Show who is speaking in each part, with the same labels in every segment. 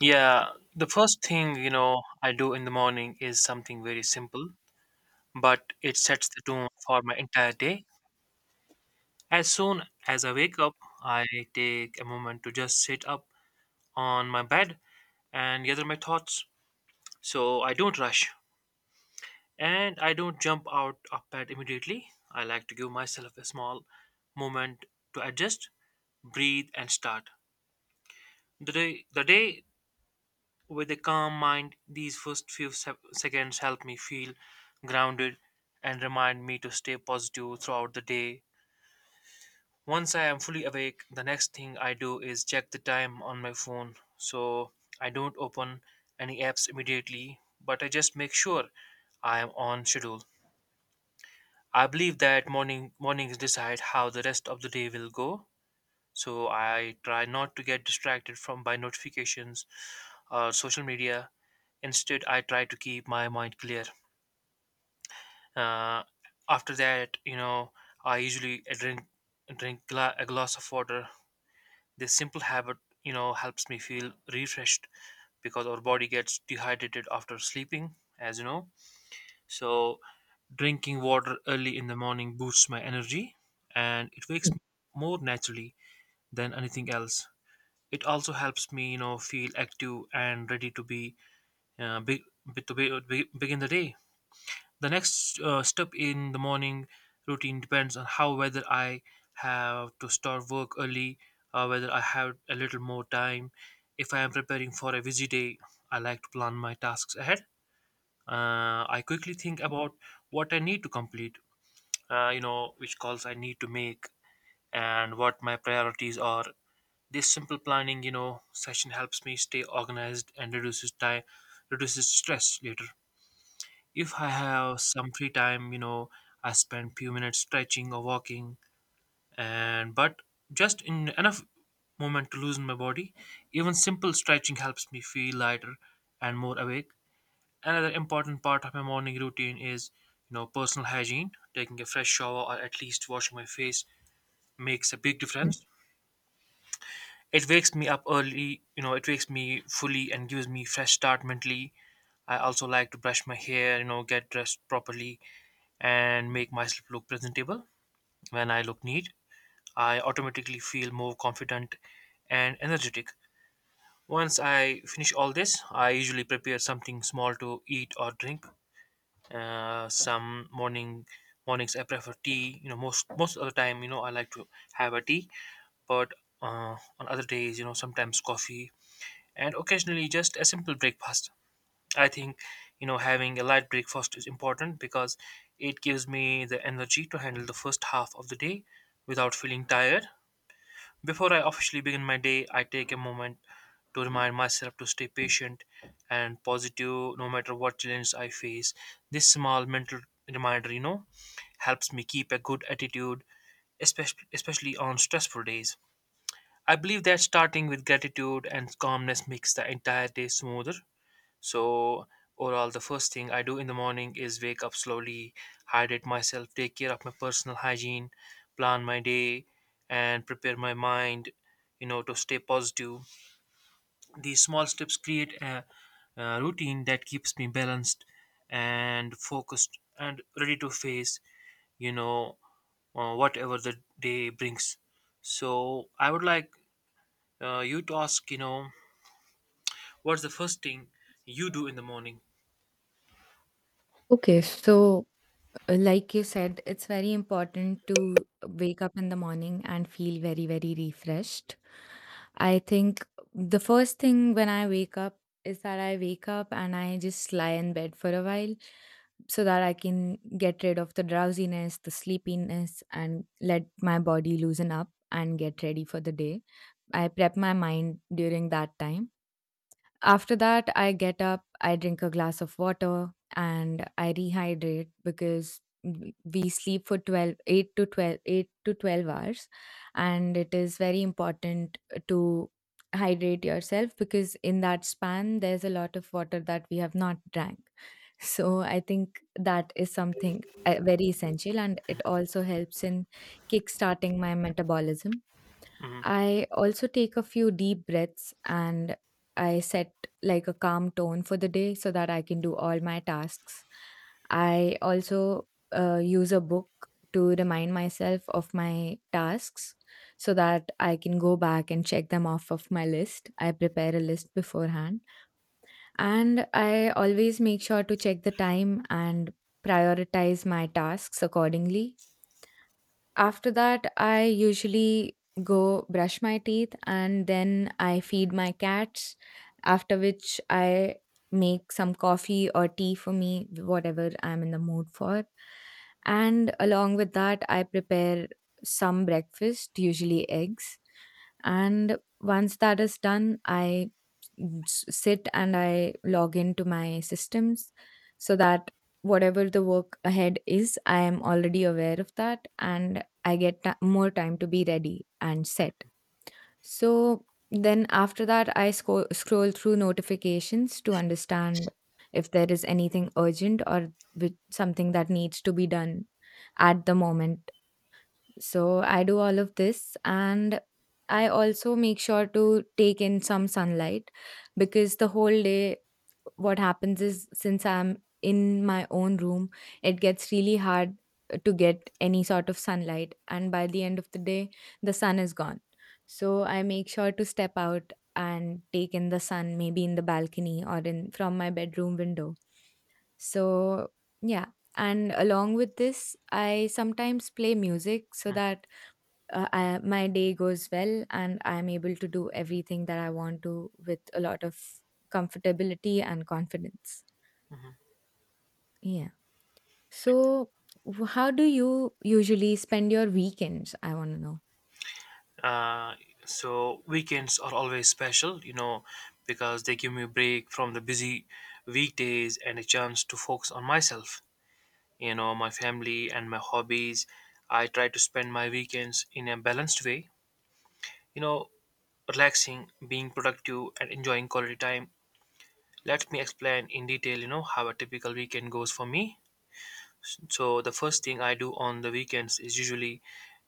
Speaker 1: Yeah, the first thing, you know, I do in the morning is something very simple, but it sets the tone for my entire day. As soon as I wake up, I take a moment to just sit up on my bed and gather my thoughts. So I don't rush and I don't jump out of bed immediately. I like to give myself a small moment to adjust, breathe and start the day with a calm mind. These first few seconds help me feel grounded and remind me to stay positive throughout the day. Once I am fully awake, the next thing I do is check the time on my phone. So I don't open any apps immediately, but I just make sure I am on schedule. I believe that mornings decide how the rest of the day will go, so I try not to get distracted from by notifications or social media. Instead, I try to keep my mind clear. uh, After that, you know, I usually drink a glass of water. This simple habit, you know, helps me feel refreshed because our body gets dehydrated after sleeping, as you know. So drinking water early in the morning boosts my energy and it wakes me more naturally than anything else. It also helps me, you know, feel active and ready to uh, be, be to be, be, begin the day. The next step in the morning routine depends on how whether I have to start work early, whether I have a little more time. If I am preparing for a busy day, I like to plan my tasks ahead. I quickly think about what I need to complete, you know, which calls I need to make and what my priorities are. This simple planning, you know, session helps me stay organized and reduces stress later. If I have some free time, you know, I spend few minutes stretching or walking, and but just in enough moment to loosen my body. Even simple stretching helps me feel lighter and more awake. Another important part of my morning routine is, you know, personal hygiene. Taking a fresh shower or at least washing my face makes a big difference. It wakes me up early, you know, it wakes me fully and gives me fresh start mentally. I also like to brush my hair, you know, get dressed properly and make myself look presentable. When I look neat, I automatically feel more confident and energetic. Once I finish all this, I usually prepare something small to eat or drink. Some mornings I prefer tea. You know, most of the time, you know, I like to have a tea, but on other days, you know, sometimes coffee and occasionally just a simple breakfast. I think, you know, having a light breakfast is important because it gives me the energy to handle the first half of the day without feeling tired. Before I officially begin my day, I take a moment to remind myself to stay patient and positive no matter what challenge I face. This small mental reminder, you know, helps me keep a good attitude, especially on stressful days. I believe that starting with gratitude and calmness makes the entire day smoother. So, overall, the first thing I do in the morning is wake up slowly, hydrate myself, take care of my personal hygiene, plan my day, and prepare my mind, you know, to stay positive. These small steps create a routine that keeps me balanced and focused and ready to face, you know, whatever the day brings. So, I would like you to ask, you know, what's the first thing you do in the morning?
Speaker 2: Okay, so like you said, it's very important to wake up in the morning and feel very, very refreshed. I think the first thing when I wake up is that I wake up and I just lie in bed for a while so that I can get rid of the drowsiness, the sleepiness, and let my body loosen up and get ready for the day. I prep my mind during that time. After that, I get up, I drink a glass of water, and I rehydrate because we sleep for 12, 8 to 12, 8 to 12 hours, and it is very important to hydrate yourself because in that span there's a lot of water that we have not drank. So I think that is something very essential, and it also helps in kickstarting my metabolism.
Speaker 1: Mhm.
Speaker 2: I also take a few deep breaths and I set like a calm tone for the day so that I can do all my tasks. I also use a book to remind myself of my tasks so that I can go back and check them off of my list. I prepare a list beforehand, and I always make sure to check the time and prioritize my tasks accordingly. After that, I usually go brush my teeth and then I feed my cats, after which I make some coffee or tea for me, whatever I'm in the mood for. And along with that, I prepare some breakfast, usually eggs. And once that is done, I sit and I log into my systems so that whatever the work ahead is, I am already aware of that. And I get ti more time to be ready and set. So then after that, I scroll through notifications to understand if there is anything urgent or with something that needs to be done at the moment. So I do all of this, and I also make sure to take in some sunlight because the whole day what happens is since I'm in my own room, it gets really hard to get any sort of sunlight. And by the end of the day, the sun is gone. So I make sure to step out and take in the sun, maybe in the balcony or in from my bedroom window. So yeah, and along with this, I sometimes play music so that my day goes well and I'm able to do everything that I want to with a lot of comfortability and confidence. Yeah. So, how do you usually spend your weekends? I want to know.
Speaker 1: Uh, so weekends are always special, you know, because they give me a break from the busy weekdays and a chance to focus on myself, you know, my family and my hobbies. I try to spend my weekends in a balanced way, you know, relaxing, being productive, and enjoying quality time. Let me explain in detail, you know, how a typical weekend goes for me. So the first thing I do on the weekends is usually,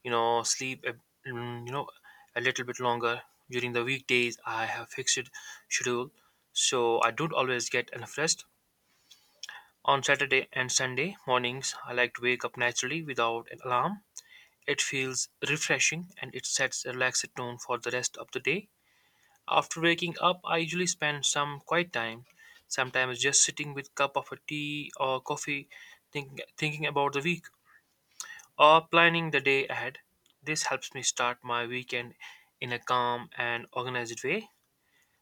Speaker 1: you know, sleep, a, mm, you know, a little bit longer. During the weekdays, I have fixed schedule, so I don't always get enough rest. On Saturday and Sunday mornings, I like to wake up naturally without an alarm. It feels refreshing and it sets a relaxed tone for the rest of the day. After waking up, I usually spend some quiet time, sometimes just sitting with cup of a tea or coffee, thinking about the week or planning the day ahead. This helps me start my weekend in a calm and organized way.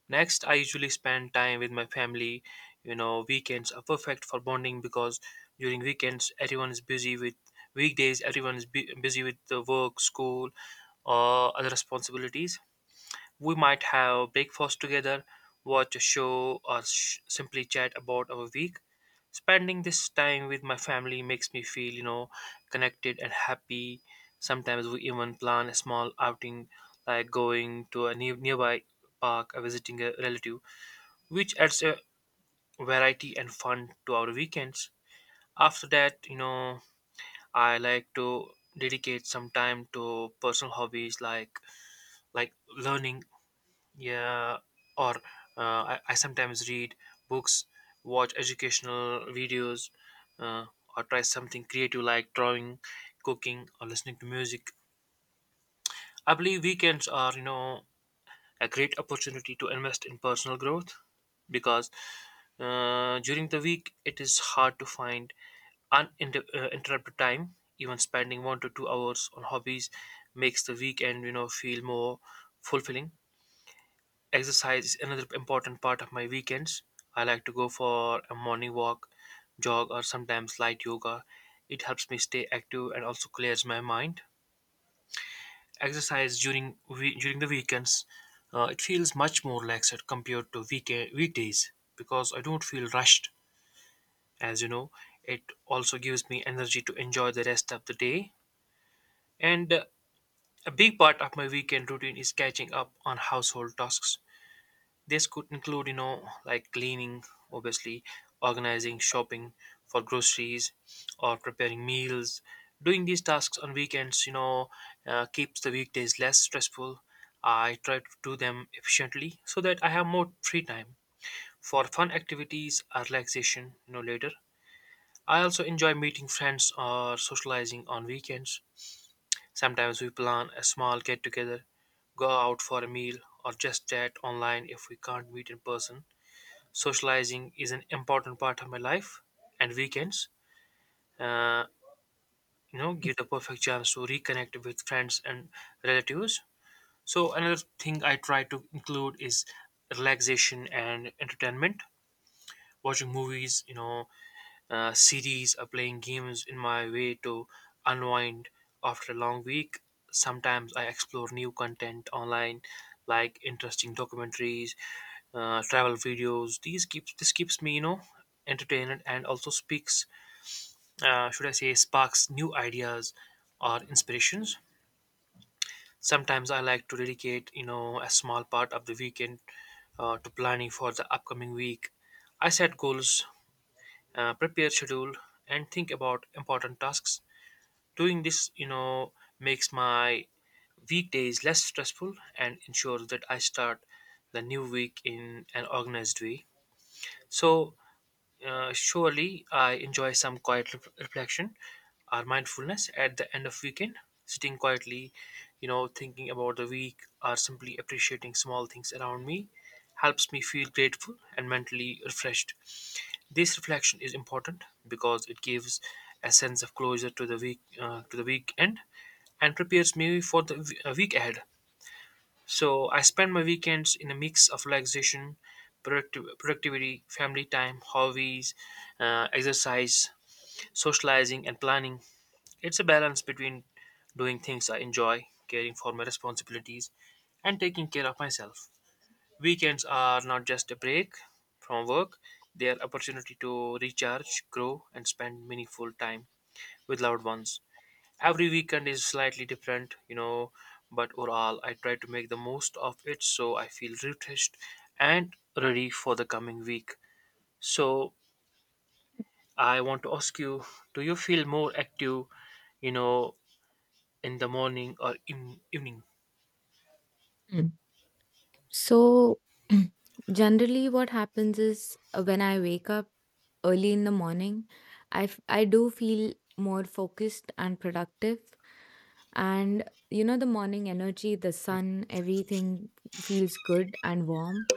Speaker 1: Next, I usually spend time with my family. You know, weekends are perfect for bonding because during weekends everyone is busy with weekdays everyone is busy with the work, school, or other responsibilities. We might have breakfast together, watch a show, or simply chat about our week. Spending this time with my family makes me feel, you know, connected and happy. Sometimes we even plan a small outing like going to a nearby park or visiting a relative, which adds a variety and fun to our weekends. After that, you know, I like to dedicate some time to personal hobbies like learning, yeah, or I sometimes read books, watch educational videos, uh, or try something creative like drawing, cooking or listening to music. I believe weekends are, you know, a great opportunity to invest in personal growth because, during the week it is hard to find uninterrupted time. Even spending 1 to 2 hours on hobbies makes the weekend, you know, feel more fulfilling. Exercise is another important part of my weekends. I like to go for a morning walk, jog, or sometimes light yoga. It helps me stay active and also clears my mind. Exercise during the weekends, it feels much more relaxed compared to weekend weekdays because I don't feel rushed. As you know, it also gives me energy to enjoy the rest of the day. And a big part of my weekend routine is catching up on household tasks. This could include, you know, like cleaning, obviously, organizing, shopping for groceries, or preparing meals. Doing these tasks on weekends, you know, keeps the weekdays less stressful. I try to do them efficiently so that I have more free time for fun activities or relaxation, you know, later. I also enjoy meeting friends or socializing on weekends. Sometimes we plan a small get together, go out for a meal, or just chat online if we can't meet in person. Socializing is an important part of my life and weekends, uh, you know, give the perfect chance to reconnect with friends and relatives. So another thing I try to include is relaxation and entertainment. Watching movies, you know, series or playing games in my way to unwind after a long week. Sometimes I explore new content online, like interesting documentaries, travel videos. These keeps this keeps me, you know, entertained and also speaks, should I say, sparks new ideas or inspirations. Sometimes I like to dedicate, you know, a small part of the weekend to planning for the upcoming week. I set goals, prepare schedule and think about important tasks. Doing this, you know, makes my weekdays less stressful and ensures that I start the new week in an organized way. So, surely I enjoy some quiet reflection or mindfulness at the end of weekend. Sitting quietly, you know, thinking about the week or simply appreciating small things around me helps me feel grateful and mentally refreshed. This reflection is important because it gives a sense of closure to the week, to the weekend, and prepares me for the week ahead. So I spend my weekends in a mix of relaxation, productivity, family time, hobbies, exercise, socializing, and planning. It's a balance between doing things I enjoy, caring for my responsibilities, and taking care of myself. Weekends are not just a break from work; they are opportunity to recharge, grow, and spend meaningful time with loved ones. Every weekend is slightly different, you know, but overall I try to make the most of it so I feel refreshed and ready for the coming week. So I want to ask you, do you feel more active, you know, in the morning or in evening?
Speaker 2: Mm. So, generally, what happens is when I wake up early in the morning, I do feel more focused and productive. And you know, the morning energy, the sun, everything feels good and warm.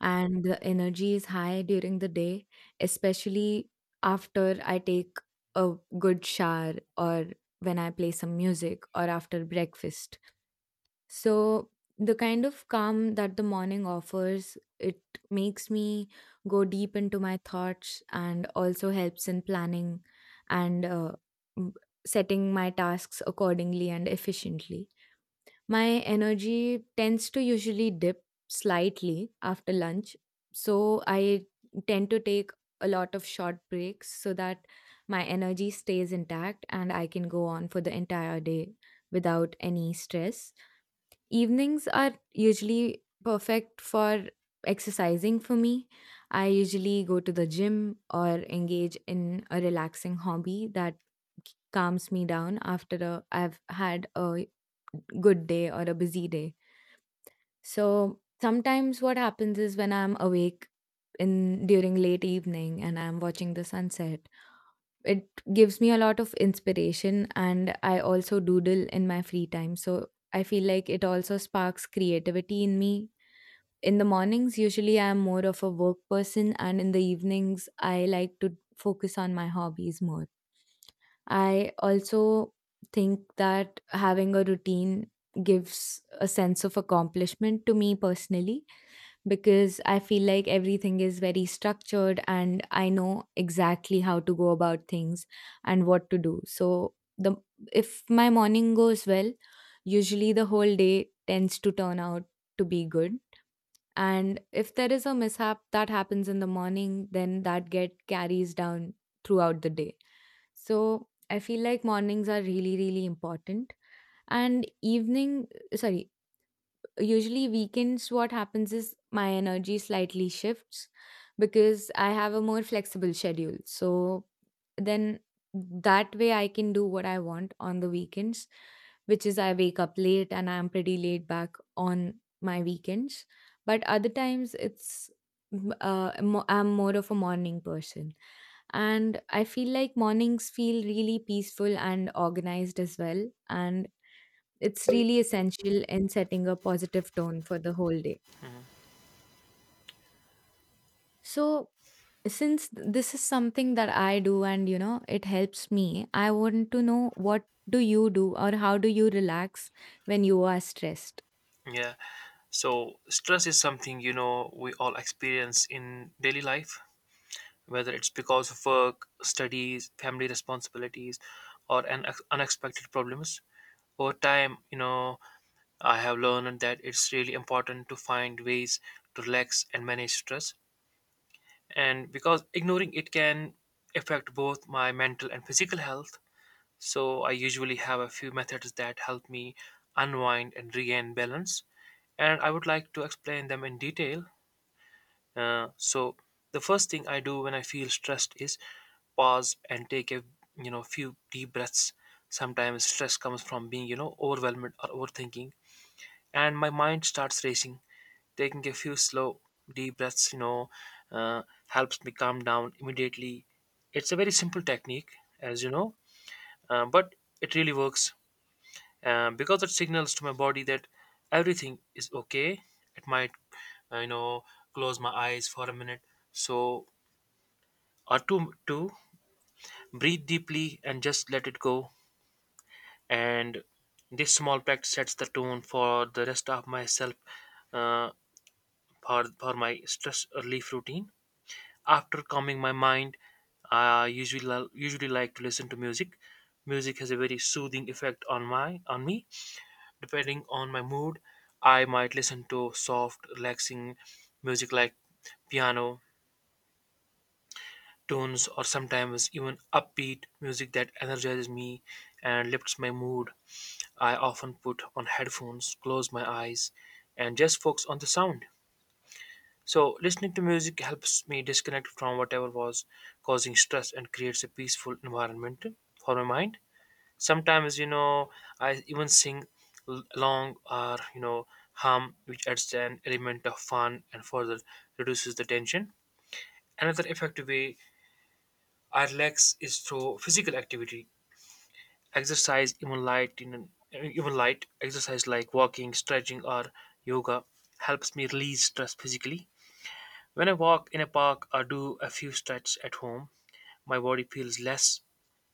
Speaker 2: And the energy is high during the day, especially after I take a good shower or when I play some music or after breakfast. So, the kind of calm that the morning offers, it makes me go deep into my thoughts and also helps in planning and m- setting my tasks accordingly and efficiently. My energy tends to usually dip slightly after lunch, so I tend to take a lot of short breaks so that my energy stays intact and I can go on for the entire day without any stress. Evenings are usually perfect for exercising for me. I usually go to the gym or engage in a relaxing hobby that calms me down after I've had a good day or a busy day. So sometimes what happens is when I'm awake in during late evening and I'm watching the sunset, it gives me a lot of inspiration, and I also doodle in my free time, so I feel like it also sparks creativity in me. In the mornings, usually I am more of a work person, and in the evenings I like to focus on my hobbies more. I also think that having a routine gives a sense of accomplishment to me personally because I feel like everything is very structured and I know exactly how to go about things and what to do. So the if my morning goes well, usually the whole day tends to turn out to be good. And if there is a mishap that happens in the morning, then that get carries down throughout the day. So I feel like mornings are really, really important. And evening, sorry, usually weekends what happens is my energy slightly shifts because I have a more flexible schedule. So then that way I can do what I want on the weekends, which is I wake up late and I'm pretty laid back on my weekends. But other times it's I'm more of a morning person. And I feel like mornings feel really peaceful and organized as well. And it's really essential in setting a positive tone for the whole day.
Speaker 1: Mhm.
Speaker 2: So, since this is something that I do and you know it helps me, I want to know what do you do or how do you relax when you are stressed?
Speaker 1: Yeah, so stress is something, you know, we all experience in daily life, whether it's because of work, studies, family responsibilities, or unexpected problems. Over time, you know, I have learned that it's really important to find ways to relax and manage stress, and because ignoring it can affect both my mental and physical health. So, I usually have a few methods that help me unwind and regain balance, and I would like to explain them in detail. So, the first thing I do when I feel stressed is pause and take a, you know, few deep breaths. Sometimes stress comes from being, you know, overwhelmed or overthinking, and my mind starts racing. Taking a few slow, deep breaths, you know, uh, helps me calm down immediately. It's a very simple technique, as you know, but it really works, because it signals to my body that everything is okay. It might, uh, you know, close my eyes for a minute, so, or two, breathe deeply and just let it go. And this small practice sets the tone for the rest of myself, uh, for my stress relief routine. After calming my mind, I usually like to listen to music. Music has a very soothing effect on my on me. Depending on my mood, I might listen to soft, relaxing music like piano tunes, or sometimes even upbeat music that energizes me and lifts my mood. I often put on headphones, close my eyes, and just focus on the sound. So, listening to music helps me disconnect from whatever was causing stress and creates a peaceful environment for my mind. Sometimes, you know, I even sing along, or, you know, hum, which adds an element of fun and further reduces the tension. Another effective way I relax is through physical activity, exercise. Even light, in even light exercise like walking, stretching, or yoga helps me release stress physically. When I walk in a park or do a few stretches at home, my body feels less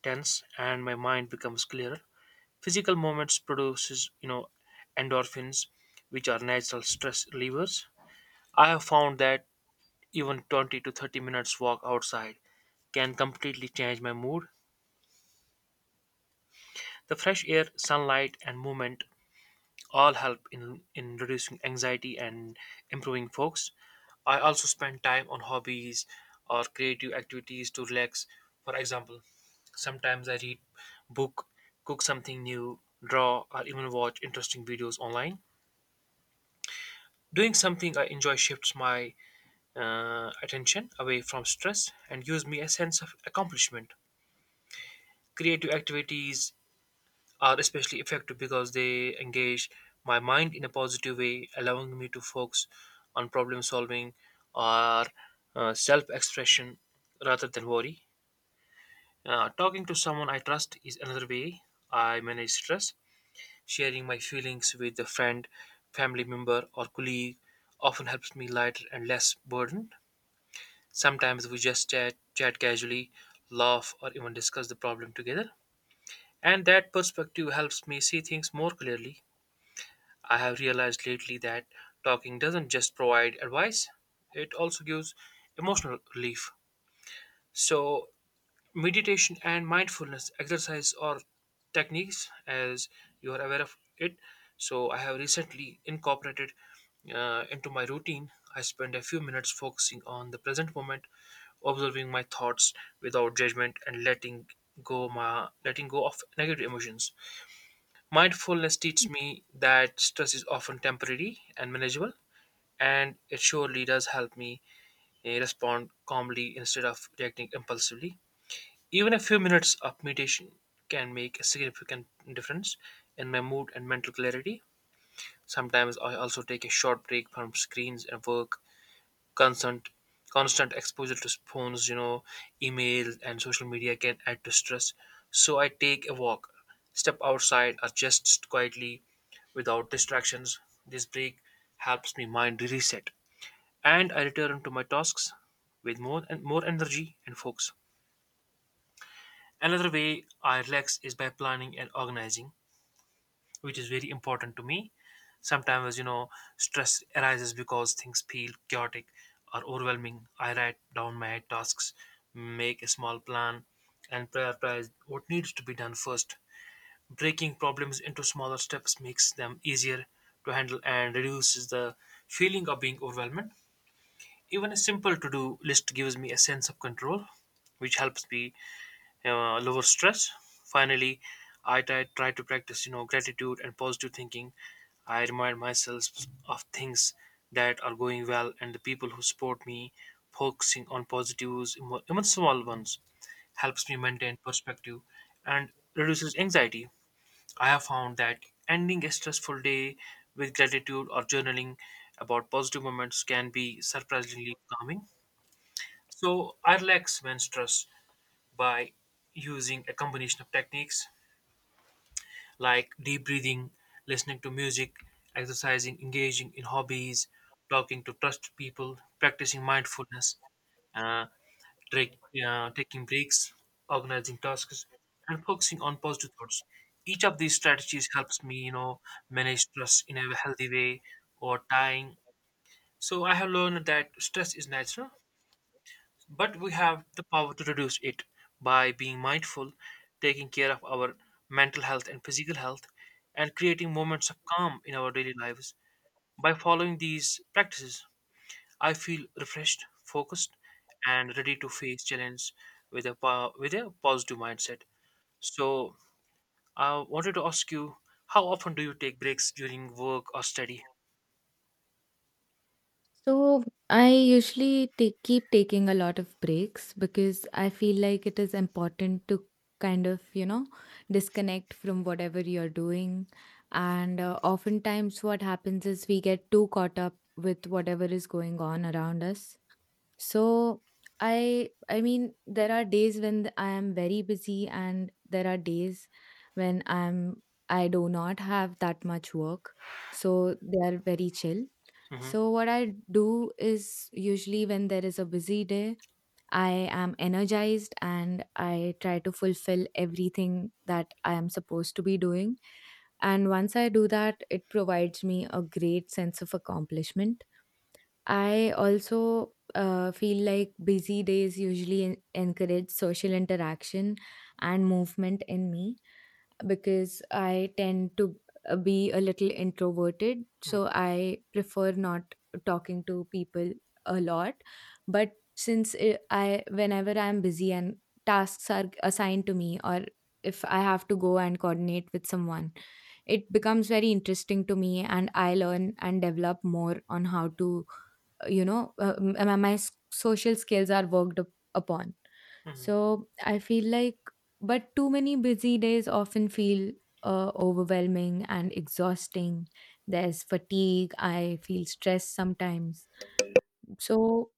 Speaker 1: tense and my mind becomes clearer. Physical movements produces, you know, endorphins, which are natural stress relievers. I have found that even 20 to 30 minutes walk outside can completely change my mood. The fresh air, sunlight, and movement all help in reducing anxiety and improving focus. I also spend time on hobbies or creative activities to relax. For example, sometimes I read book, cook something new, draw, or even watch interesting videos online. Doing something I enjoy shifts my attention away from stress and gives me a sense of accomplishment. Creative activities are especially effective because they engage my mind in a positive way, allowing me to focus on problem solving or self expression rather than worry. Talking to someone I trust is another way I manage stress. Sharing my feelings with a friend, family member, or colleague often helps me lighter and less burdened. Sometimes we just chat casually, laugh, or even discuss the problem together. And that perspective helps me see things more clearly. I have realized lately that talking doesn't just provide advice, it also gives emotional relief. So, meditation and mindfulness exercise or techniques, as you are aware of it. So, I have recently incorporated, into my routine. I spend a few minutes focusing on the present moment, observing my thoughts without judgment, and letting go of negative emotions. Mindfulness teaches me that stress is often temporary and manageable, and it surely does help me, respond calmly instead of reacting impulsively. Even a few minutes of meditation can make a significant difference in my mood and mental clarity. Sometimes I also take a short break from screens and work. constant Constant exposure to phones, you know, email and social media can add to stress. So I take a walk, step outside, or just quietly without distractions. This break helps me mind reset, and I return to my tasks with more energy and focus. Another way I relax is by planning and organizing, which is very important to me. Sometimes, you know, stress arises because things feel chaotic or overwhelming. I write down my tasks, make a small plan, and prioritize what needs to be done first. Breaking problems into smaller steps makes them easier to handle and reduces the feeling of being overwhelmed. Even a simple to do list gives me a sense of control, which helps me lower stress. Finally, I try to practice, you know, gratitude and positive thinking. I remind myself of things that are going well and the people who support me. Focusing on positives, even small ones, helps me maintain perspective and reduces anxiety. I have found that ending a stressful day with gratitude or journaling about positive moments can be surprisingly calming. So I relax when stressed by using a combination of techniques like deep breathing, listening to music, exercising, engaging in hobbies, talking to trusted people, practicing mindfulness, uh, take, taking breaks, organizing tasks, and focusing on positive thoughts. Each of these strategies helps me, you know, manage stress in a healthy way or dying. So I have learned that stress is natural, but we have the power to reduce it by being mindful, taking care of our mental health and physical health, and creating moments of calm in our daily lives. By following these practices, I feel refreshed, focused, and ready to face challenge with a positive mindset. So, I wanted to ask you, how often do you take breaks during work or study?
Speaker 2: So I usually take, keep taking a lot of breaks because I feel like it is important to kind of, you know, disconnect from whatever you're doing. And oftentimes, what happens is we get too caught up with whatever is going on around us. So I mean there are days when I am very busy and there are days when I do not have that much work. So they are very chill.
Speaker 1: Hmm.
Speaker 2: So what I do is usually when there is a busy day, I am energized and I try to fulfill everything that I am supposed to be doing. And once I do that, it provides me a great sense of accomplishment. I also feel like busy days usually encourage social interaction and movement in me because I tend to be a little introverted. So I prefer not talking to people a lot. But since I whenever I'm busy and tasks are assigned to me, or if I have to go and coordinate with someone, it becomes very interesting to me and I learn and develop more on how to, you know, my social skills are worked up upon.
Speaker 1: Mhm,
Speaker 2: So I feel like, but too many busy days often feel overwhelming and exhausting. There's fatigue, I feel stressed sometimes. So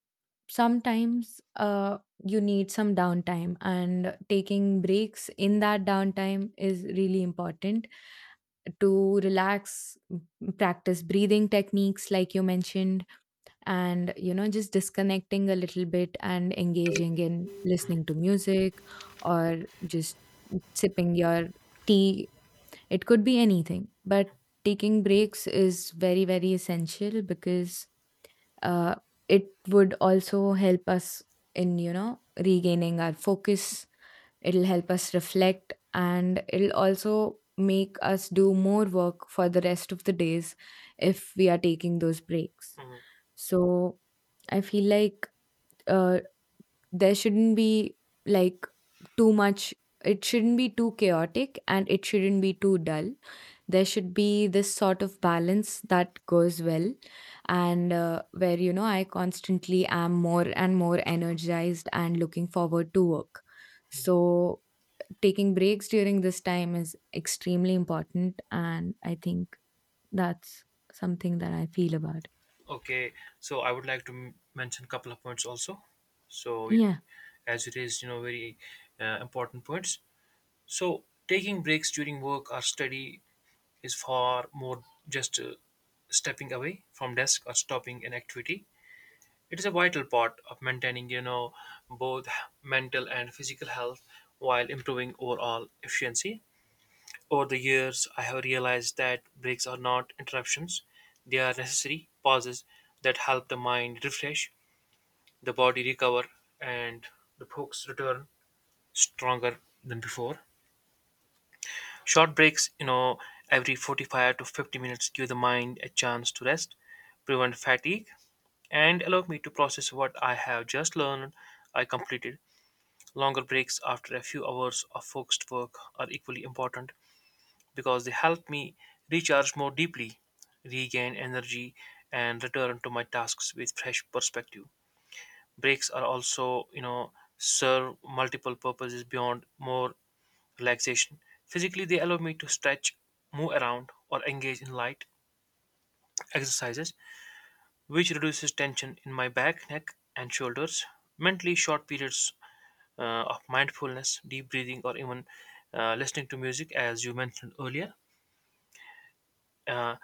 Speaker 2: sometimes, you need some downtime, and taking breaks in that downtime is really important to relax, practice breathing techniques like you mentioned, and you know, just disconnecting a little bit and engaging in listening to music or just sipping your tea. It could be anything, but taking breaks is very, very essential because uh, it would also help us in, you know, regaining our focus. It'll help us reflect, and it'll also make us do more work for the rest of the days if we are taking those breaks.
Speaker 1: mhm.
Speaker 2: So I feel like, uh, there shouldn't be like too much. It shouldn't be too chaotic and it shouldn't be too dull. There should be this sort of balance that goes well, and where, you know, I constantly am more and more energized and looking forward to work. So taking breaks during this time is extremely important, and I think that's something that I feel about.
Speaker 1: Okay, so I would like to mention a couple of points also. So,
Speaker 2: Yeah.
Speaker 1: as you raised, you know, very important points. So, taking breaks during work or study is far more just stepping away from desk or stopping an activity. It is a vital part of maintaining, you know, both mental and physical health while improving overall efficiency. Over the years, I have realized that breaks are not interruptions; they are necessary pauses that help the mind refresh, the body recover, and the focus return stronger than before. Short breaks, you know, every 45 to 50 minutes give the mind a chance to rest, prevent fatigue, and allow me to process what I have just learned. I completed longer breaks after a few hours of focused work are equally important because they help me recharge more deeply, regain energy, and return to my tasks with fresh perspective. Breaks are also, you know, serve multiple purposes beyond more relaxation. Physically, they allow me to stretch, move around, or engage in light exercises, which reduces tension in my back, neck, and shoulders. Mentally, short periods uh, of mindfulness, deep breathing, or even listening to music, as you mentioned earlier, Uh,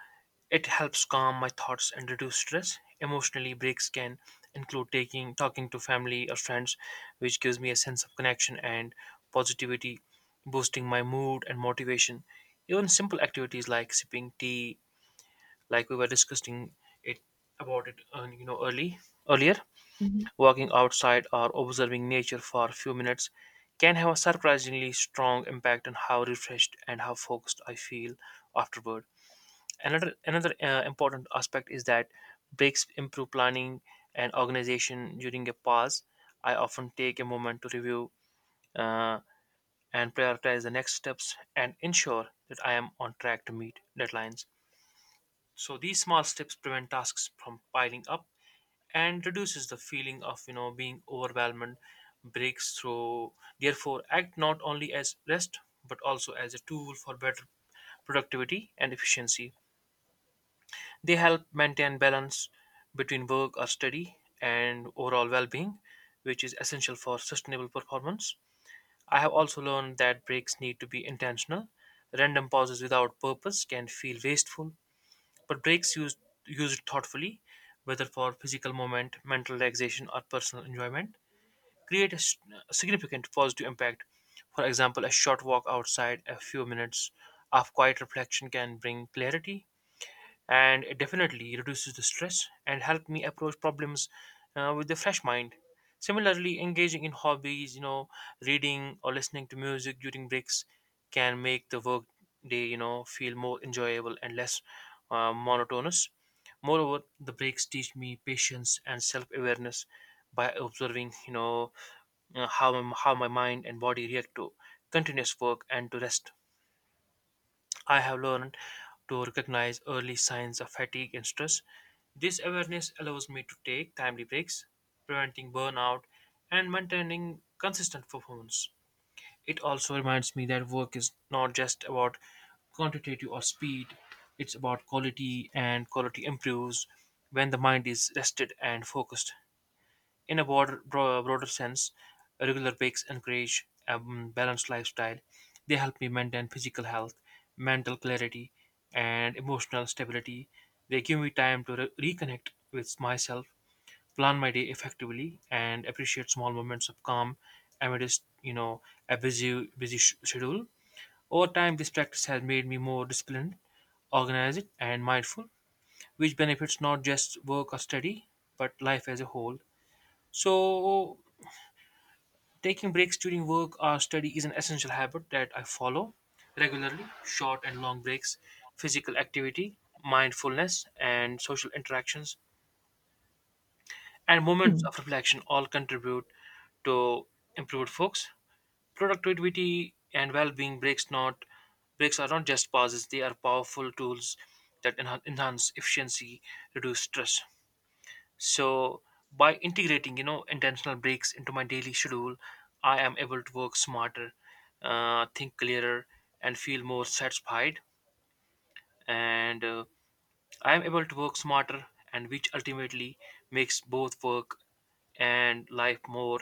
Speaker 1: it helps calm my thoughts and reduce stress. Emotionally, breaks can include taking talking to family or friends, which gives me a sense of connection and positivity, boosting my mood and motivation. Even simple activities like sipping tea, like we were discussing it about it, you know, early earlier, walking outside or observing nature for a few minutes can have a surprisingly strong impact on how refreshed and how focused I feel afterward. Another important aspect is that breaks improve planning and organization. During a pause, I often take a moment to review, uh, and prioritize the next steps and ensure that I am on track to meet deadlines. So these small steps prevent tasks from piling up and reduces the feeling of, you know, being overwhelmed. Breaks through, therefore, act not only as rest but also as a tool for better productivity and efficiency. They help maintain balance between work or study and overall well being, which is essential for sustainable performance. I have also learned that breaks need to be intentional. Random pauses without purpose can feel wasteful, but breaks used thoughtfully, whether for physical movement, mental relaxation, or personal enjoyment, create a significant positive impact. For example, a short walk outside, a few minutes of quiet reflection can bring clarity, and it definitely reduces the stress and help me approach problems with a fresh mind. Similarly, engaging in hobbies, you know, reading or listening to music during breaks can make the work day, you know, feel more enjoyable and less monotonous. Moreover, the breaks teach me patience and self-awareness. By observing, you know, how my mind and body react to continuous work and to rest, I have learned to recognize early signs of fatigue and stress. This awareness allows me to take timely breaks, preventing burnout and maintaining consistent performance. It also reminds me that work is not just about quantitative or speed, it's about quality, and quality improves when the mind is rested and focused. In a broader sense, regular breaks encourage a balanced lifestyle. They help me maintain physical health, mental clarity, and emotional stability. They give me time to reconnect with myself, plan my day effectively, and appreciate small moments of calm amidst, you know, a busy schedule. Over time, this practice has made me more disciplined, organized, and mindful, which benefits not just work or study but life as a whole. So, taking breaks during work or study is an essential habit that I follow regularly. Short and long breaks, physical activity, mindfulness, and social interactions, and moments
Speaker 2: Mhm.
Speaker 1: of reflection all contribute to improved focus, productivity, and well-being. Breaks are not just pauses; they are powerful tools that enhance efficiency, reduce stress. So by integrating, you know, intentional breaks into my daily schedule, I am able to work smarter, think clearer, and feel more satisfied. And I am able to work smarter, and which ultimately makes both work and life more